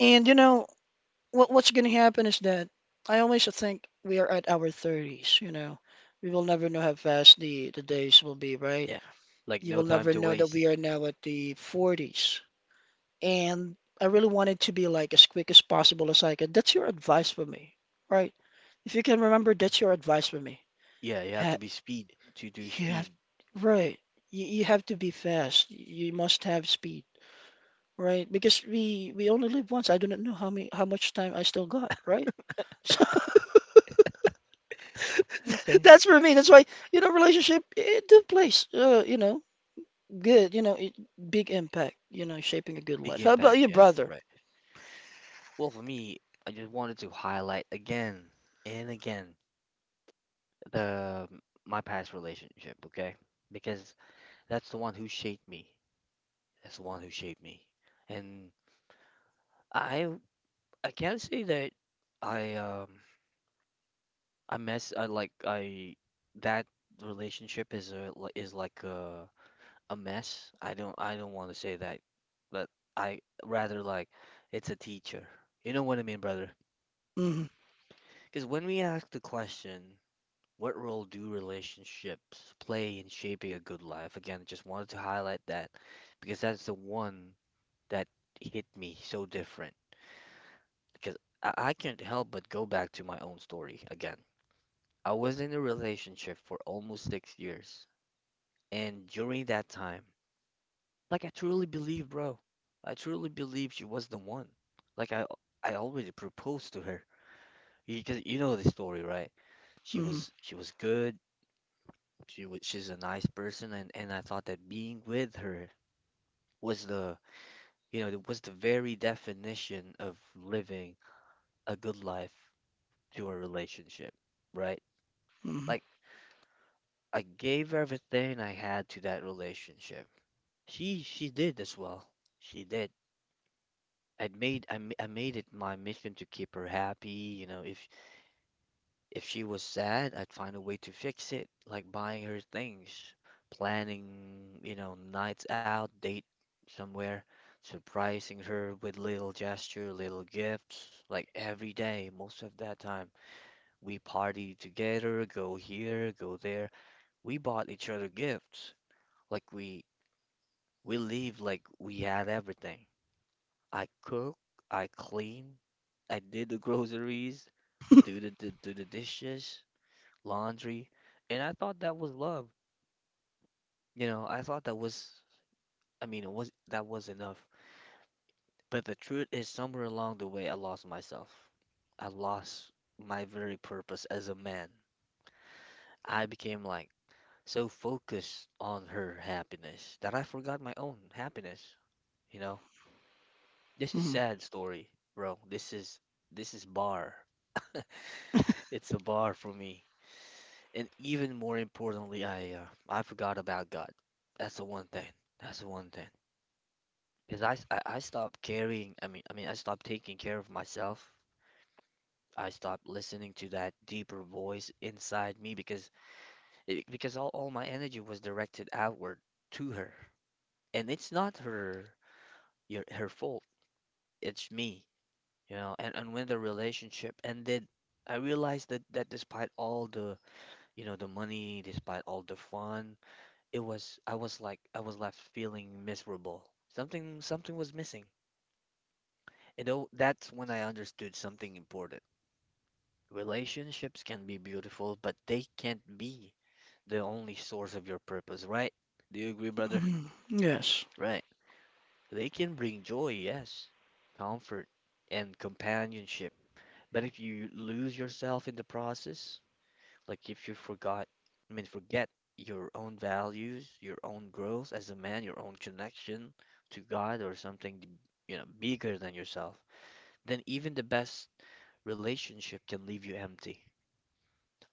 A: And you know what's going to happen is that I always think we are at our 30s, you know. We will never know how fast the days will be, right?
B: Yeah. Like
A: You
B: no
A: will
B: time
A: never
B: to
A: know that
B: waste.
A: we are now at the 40s. And I really want it to be like as quick as possible as I can. That's your advice for me, right? If you can remember, that's your advice for me.
B: Yeah. You have
A: Ha
B: to be speed to do
A: You have,
B: speed.
A: right. You have to be fast. You must have speed. Right, because we only live once. I do not know how much time I still got, right? <laughs> So <laughs>
B: Okay.
A: that's for me. That's why, relationship it took place. Good, it, big impact, shaping a good
B: Big
A: life. How about
B: impact.
A: your
B: Yeah.
A: brother?
B: Right. Well, for me, I just wanted to highlight again and again the my past relationship. Okay. Because that's the one who shaped me. That's the one who shaped me. And I I can't say that I um I mess I like I that relationship is like a mess. I don't want to say that, but I rather like it's a teacher. You know what I mean, brother?
A: Hmm.
B: Because when we ask the question, what role do relationships play in shaping a good life? Again, just wanted to highlight that because that's the one that hit me so different. Because I can't help but go back to my own story again. I was in a relationship for almost 6 years, and during that time, like I truly believe, bro, I truly believe she was the one. Like I already proposed to her. 'Cause you know the story, right? She
A: Hmm.
B: was, she was good. She's a nice person, and I thought that being with her was the, you know, it was the very definition of living a good life to a relationship, right?
A: Hmm.
B: Like I gave everything I had to that relationship. She did as well. She did. I made it my mission to keep her happy. You know, if she was sad, I'd find a way to fix it, like buying her things, planning, nights out, date somewhere, surprising her with little gesture, little gifts, like every day, most of that time. We party together, go here, go there. We bought each other gifts. Like we we live like we had everything. I cook, I clean, I did the groceries,
A: <laughs>
B: do the dishes, laundry, and I thought that was love. You know, I thought that was, I mean, it was that was enough. But the truth is, somewhere along the way, I lost myself. I lost my very purpose as a man. I became like so focused on her happiness that I forgot my own happiness. You know, this is
A: Hmm.
B: sad story, bro. This is bar. <laughs> It's a bar for me. And even more importantly, I forgot about God. That's the one thing. That's the one thing. Because I, s- I stopped caring. I mean I stopped taking care of myself. I stopped listening to that deeper voice inside me because all my energy was directed outward to her. And it's not her fault. It's me, you know. And when the relationship ended, I realized that despite all the the money, despite all the fun it was I was like I was left feeling miserable. Something was missing. That's when I understood something important. Relationships can be beautiful, but they can't be the only source of your purpose, right? Do you agree, brother?
A: Hmm. Yes.
B: Right. They can bring joy, yes, comfort, and companionship. But if you lose yourself in the process, Like if you forgot, I mean, forget your own values, your own growth as a man, your own connection to God or something, you know, bigger than yourself, then even the best relationship can leave you empty.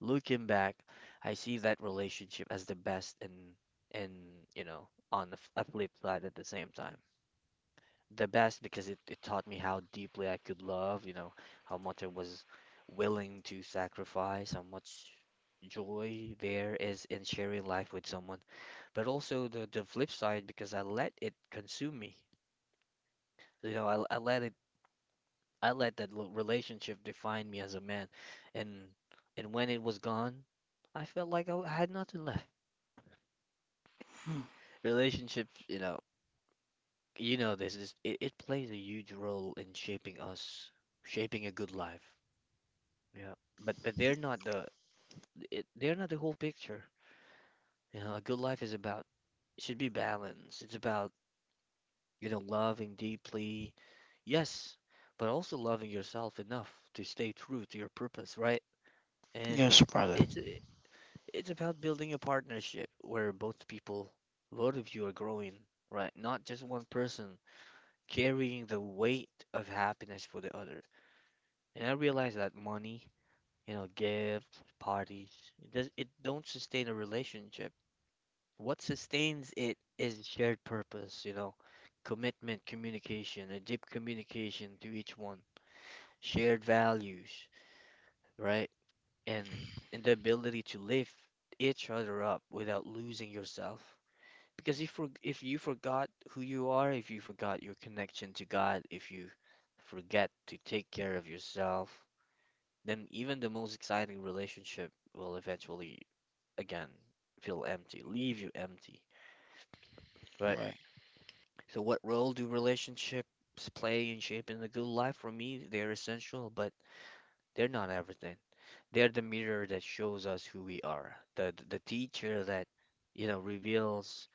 B: Looking back, I see that relationship as the best and you know, on the a flip side at the same time the best because it taught me how deeply I could love, you know, how much I was willing to sacrifice, how much joy there is in sharing life with someone. But also the flip side because I let it consume me. I let it I let that relationship define me as a man. And and when it was gone, I felt like I had nothing left.
A: Mm.
B: Relationships, you know, it plays a huge role in shaping us, shaping a good life. Yeah, but they're not the they're not the whole picture. You know, a good life is about should be balanced. It's about, you know, loving deeply, yes, but also loving yourself enough to stay true to your purpose, right? And
A: Yes, brother.
B: it's it's about building a partnership where both people, both of you are growing, right? Not just one person carrying the weight of happiness for the other. And I realize that money you know, gifts, parties. It don't sustain a relationship. What sustains it is shared purpose, you know, commitment, communication, a deep communication to each one, shared values, right? And and the ability to lift each other up without losing yourself. Because if you forgot who you are, if you forgot your connection to God, if you forget to take care of yourself, then even the most exciting relationship will eventually again feel empty, leave you empty, right?
A: Right.
B: So, what role do relationships play in shaping a good life? For me, they're essential, but they're not everything. They're the mirror that shows us who we are, the teacher that you know reveals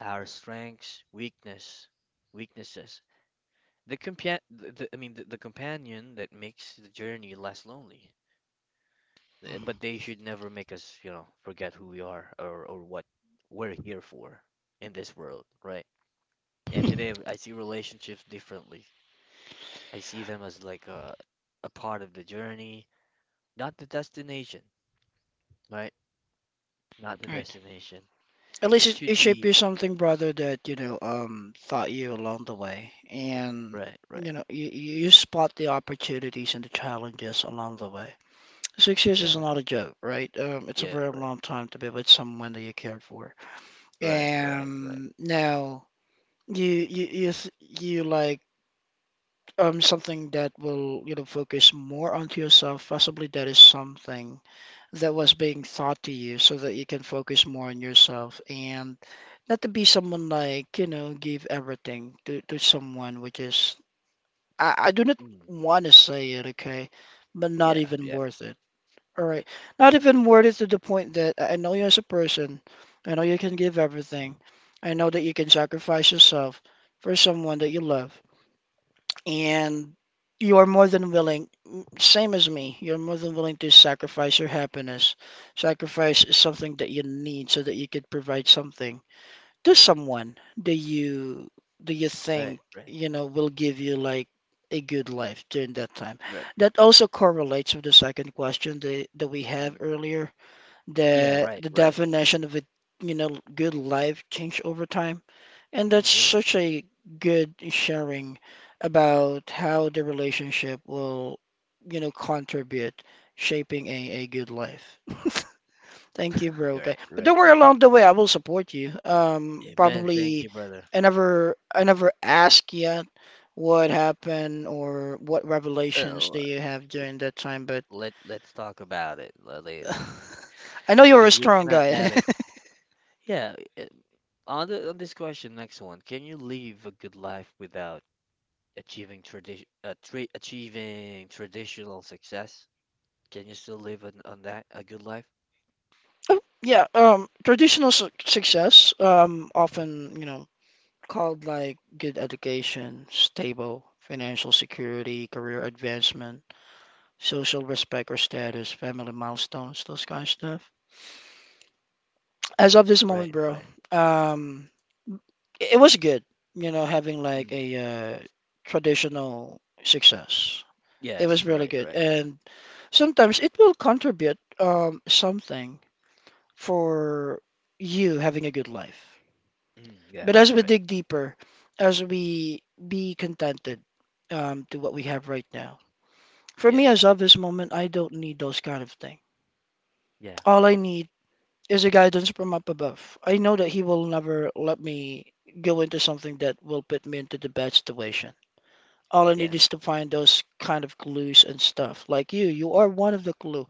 B: our strengths, weaknesses. The companion, the companion that makes the journey less lonely. Uh,
A: Mm.
B: But they should never make us, you know, forget who we are or what we're here for in this world, right? And today I see relationships differently. I see them as a part of the journey, not the destination, right? Not the
A: Right.
B: destination.
A: At least
B: It
A: it
B: should
A: shaped
B: be
A: you something, brother, that, taught you along the way. And,
B: right, right.
A: you know, you spot the opportunities and the challenges along the way. 6 years is
B: Yeah,
A: not a joke, right? It's a
B: yeah,
A: very
B: right,
A: long time to be with someone that you care for.
B: right, right, right.
A: And now you th- you something that will, you know, focus more onto yourself. Possibly that is something that was being taught to you so that you can focus more on yourself and not to be someone like, you know, give everything to someone, which is, I do not
B: Mm,
A: want to say it, okay, but not
B: yeah,
A: even worth it. All right. Not even worth it to the point that I know you as a person. I know you can give everything. I know that you can sacrifice yourself for someone that you love, and you are more than willing same as me, you're more than willing to sacrifice your happiness. Sacrifice is something that you need so that you could provide something to someone that you, do you
B: right,
A: think, will give you like a good life during that time,
B: right.
A: that also correlates with the second question that, that we have
B: Mm,
A: earlier,
B: yeah,
A: the
B: right,
A: the
B: right.
A: definition of a, good life change over time. And that's
B: Mm, yeah,
A: such a good sharing about how the relationship will, you know, contribute shaping a good life. <laughs> Thank you, bro. Okay.
B: right,
A: But
B: right.
A: don't worry, along the way, I will support you.
B: Amen. Thank
A: Probably
B: you, brother.
A: I never ask yet what happened or what revelations
B: Uh,
A: do you have during that time, but
B: let let's talk about it later,
A: <laughs> I know you're a
B: because we
A: strong
B: cannot
A: guy.
B: add it. Yeah, it- on the, on this question, next one, can you live a good life without achieving tradition, tra achieving traditional success? Can you still live on that a good life?
A: <laughs> Yeah, traditional su success often, you know, called like good education, stable financial security, career advancement, social respect or status, family milestones, those kind of stuff. As of this moment,
B: Right,
A: bro,
B: right.
A: um, it it was good, you know, having like
B: Mm.
A: a traditional success. It was
B: Yes,
A: really
B: right,
A: good,
B: right.
A: and sometimes it will contribute something for you having a good life.
B: Mm, yeah,
A: But as we
B: right.
A: dig deeper, as we be contented to what we have right now, for
B: Yeah,
A: me, as of this moment, I don't need those kind of things.
B: yeah,
A: All I need is a guidance from up above. I know that He will never let me go into something that will put me into the bad situation. All I need
B: yeah.
A: is to find those kind of clues and stuff. Like you are one of the clue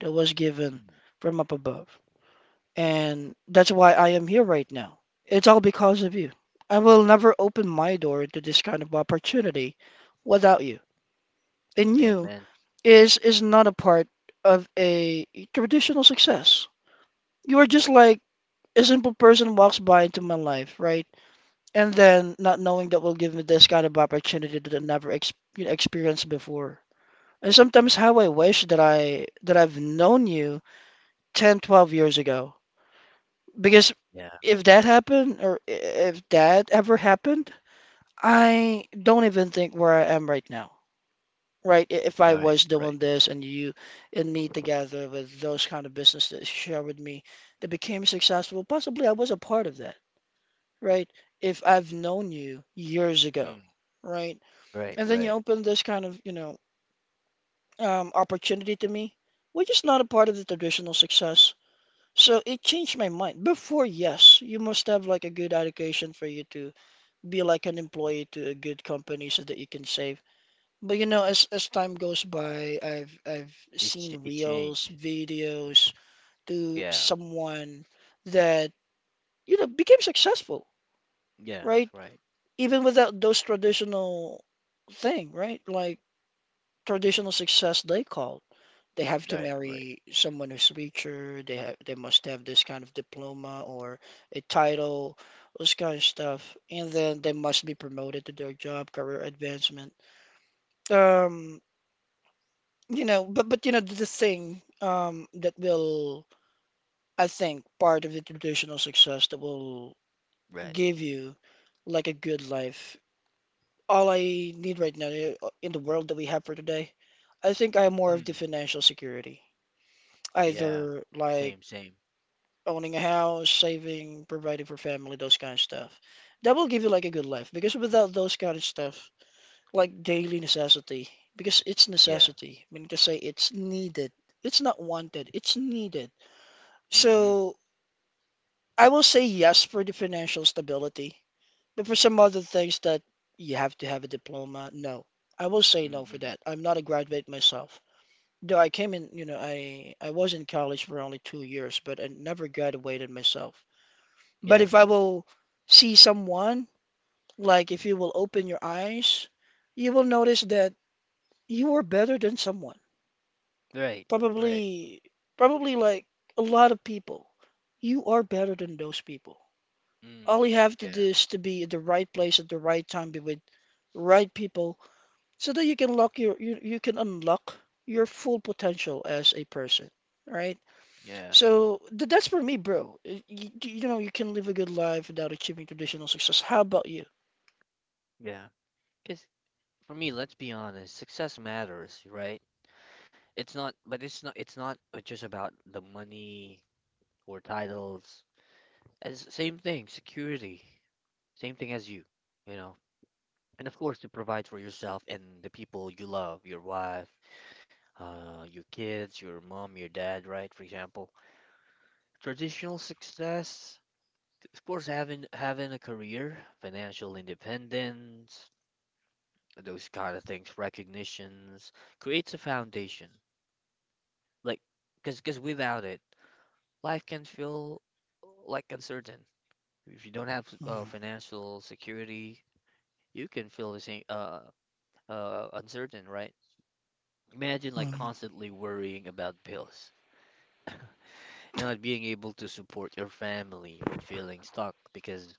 A: that was given
B: Mm.
A: from up above. And that's why I am here right now. It's all because of you. I will never open my door to this kind of opportunity without you. And you
B: Amen.
A: is not a part of a traditional success. You are just like a simple person walks by into my life, right? And then not knowing that will give me this kind of opportunity that I never ex you know, experienced before. And sometimes how I wish that I've known you 10, 12 years ago. Because
B: Yeah,
A: if that happened, if that ever happened, I don't even think where I am right now, right? I- If
B: you're
A: I
B: right,
A: was
B: right.
A: doing this and you and me together with those kind of business that you share with me that became successful, possibly I was a part of that, right? If I've known you years ago,
B: Mm,
A: right?
B: right,
A: And then you
B: right.
A: open this kind of, you know, opportunity to me, which is not a part of the traditional success. So it changed my mind. Before, yes, you must have like a good education for you to be like an employee to a good company so that you can save. But you know, as time goes by, I've seen
B: It
A: reels,
B: changed.
A: videos to
B: Yeah,
A: someone that you know became successful,
B: yeah,
A: right?
B: right,
A: Even without those traditional thing, right? Like traditional success they call. They have to
B: right, right,
A: marry someone who's richer, they must have this kind of diploma or a title, this kind of stuff. And then they must be promoted to their job, career advancement. um you know, but you know, the thing that will, I think, part of the traditional success that will
B: right.
A: give you like a good life, all I need right now, in the world that we have for today, I think I'm more of the
B: Mm,
A: financial security, either
B: yeah,
A: like
B: same, same.
A: owning a house, saving, providing for family, those kind of stuff that will give you like a good life. Because without those kind of stuff, like daily necessity, because it's
B: Yeah.
A: necessity. I mean to say it's needed. It's not wanted, it's needed.
B: Hmm.
A: So I will say yes for the financial stability, but for some other things that you have to have a diploma, no. I will say no
B: Mm,
A: for
B: mm.
A: that. I'm not a graduate myself. Though I came in, you know, I was in college for only 2 years, but I never graduated myself. But
B: Yeah.
A: if I will see someone, like if you will open your eyes, you will notice that you are better than someone.
B: Right. Right.
A: Probably, probably like a lot of people. You are better than those people. All
B: Mm.
A: you have to do
B: Yeah.
A: is to be at the right place at the right time, be with right people, so that you can you can unlock your full potential as a person, right?
B: Yeah.
A: So th that's for me, bro. You know, you can live a good life without achieving traditional success. How about you?
B: Yeah. Because for me, let's be honest, success matters, right? It's not, but it's not. It's not just about the money or titles. As same thing, security. Same thing as you, you know. And of course, to provide for yourself and the people you love, your wife, your kids, your mom, your dad, right? For example, traditional success. Of course, having a career, financial independence, those kind of things, recognitions, creates a foundation. Like, cause without it, life can feel like uncertain. If you don't have
A: Mm.
B: financial security, you can feel the same uncertain, right? Imagine like
A: Mm.
B: constantly worrying about bills, <laughs> not being able to support your family, or feeling stuck because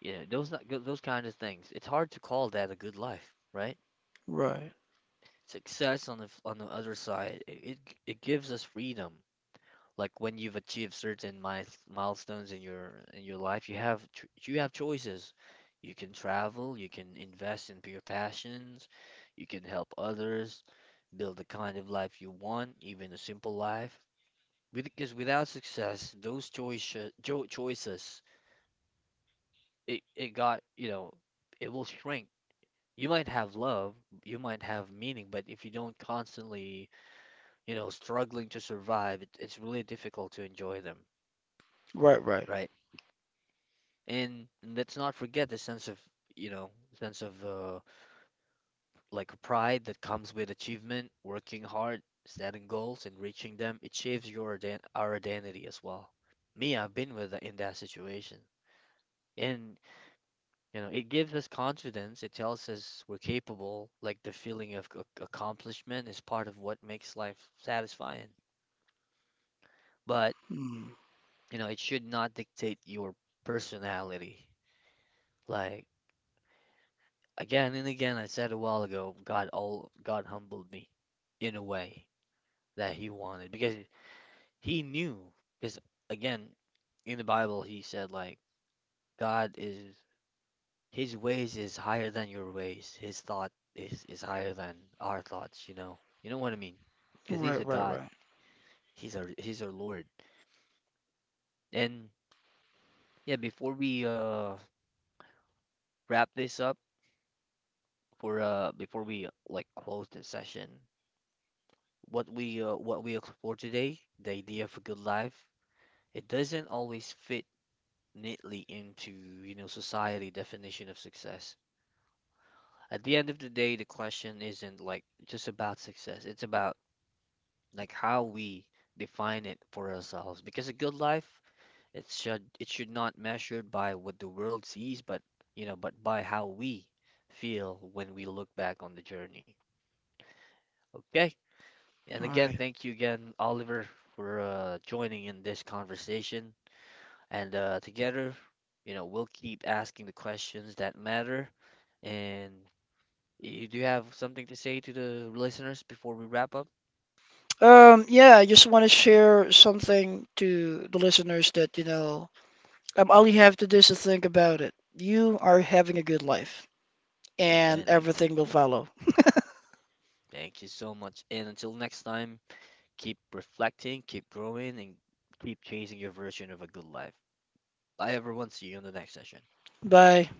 B: you know those not- those kind of things. It's hard to call that a good life, right?
A: Right,
B: Success on on the other side, it gives us freedom. Like when you've achieved certain milestones in your life, you have choices. You can travel, you can invest into your passions, you can help others, build the kind of life you want, even a simple life. Because without success, those choices you know, it will shrink. You might have love, you might have meaning, but if you don't constantly you know, struggling to survive, it's really difficult to enjoy them,
A: right, right.
B: right? And let's not forget the sense of, you know, sense of like pride that comes with achievement, working hard, setting goals, and reaching them. It shapes your our identity as well. Me, I've been with in that situation. And you know, it gives us confidence. It tells us we're capable. Like the feeling of accomplishment is part of what makes life satisfying. But
A: Mm.
B: you know, it should not dictate your personality. Like again and again, I said a while ago, God humbled me in a way that He wanted because He knew. Because again, in the Bible, He said like God is His ways is higher than your ways. His thought is higher than our thoughts. You know what I mean? Because
A: Right,
B: He's a
A: right,
B: God.
A: right,
B: He's our Lord. And yeah, before we wrap this up for before we like close this session, what we explore today, the idea of a good life, it doesn't always fit neatly into, you know, society definition of success. At the end of the day, the question isn't like just about success. It's about like how we define it for ourselves. Because a good life, it should not measured by what the world sees, but you know, but by how we feel when we look back on the journey. Okay. And again,
A: right.
B: thank you again, Oliver, for joining in this conversation. And together, you know, we'll keep asking the questions that matter. And you do have something to say to the listeners before we wrap up?
A: Yeah, I just want to share something to the listeners that, you know, all you have to do is to think about it. You are having a good life, and
B: Amen. Amen.
A: everything will follow.
B: Thank you so much. And until next time, keep reflecting, keep growing, and keep chasing your version of a good life. Bye, everyone. See you in the next session.
A: Bye.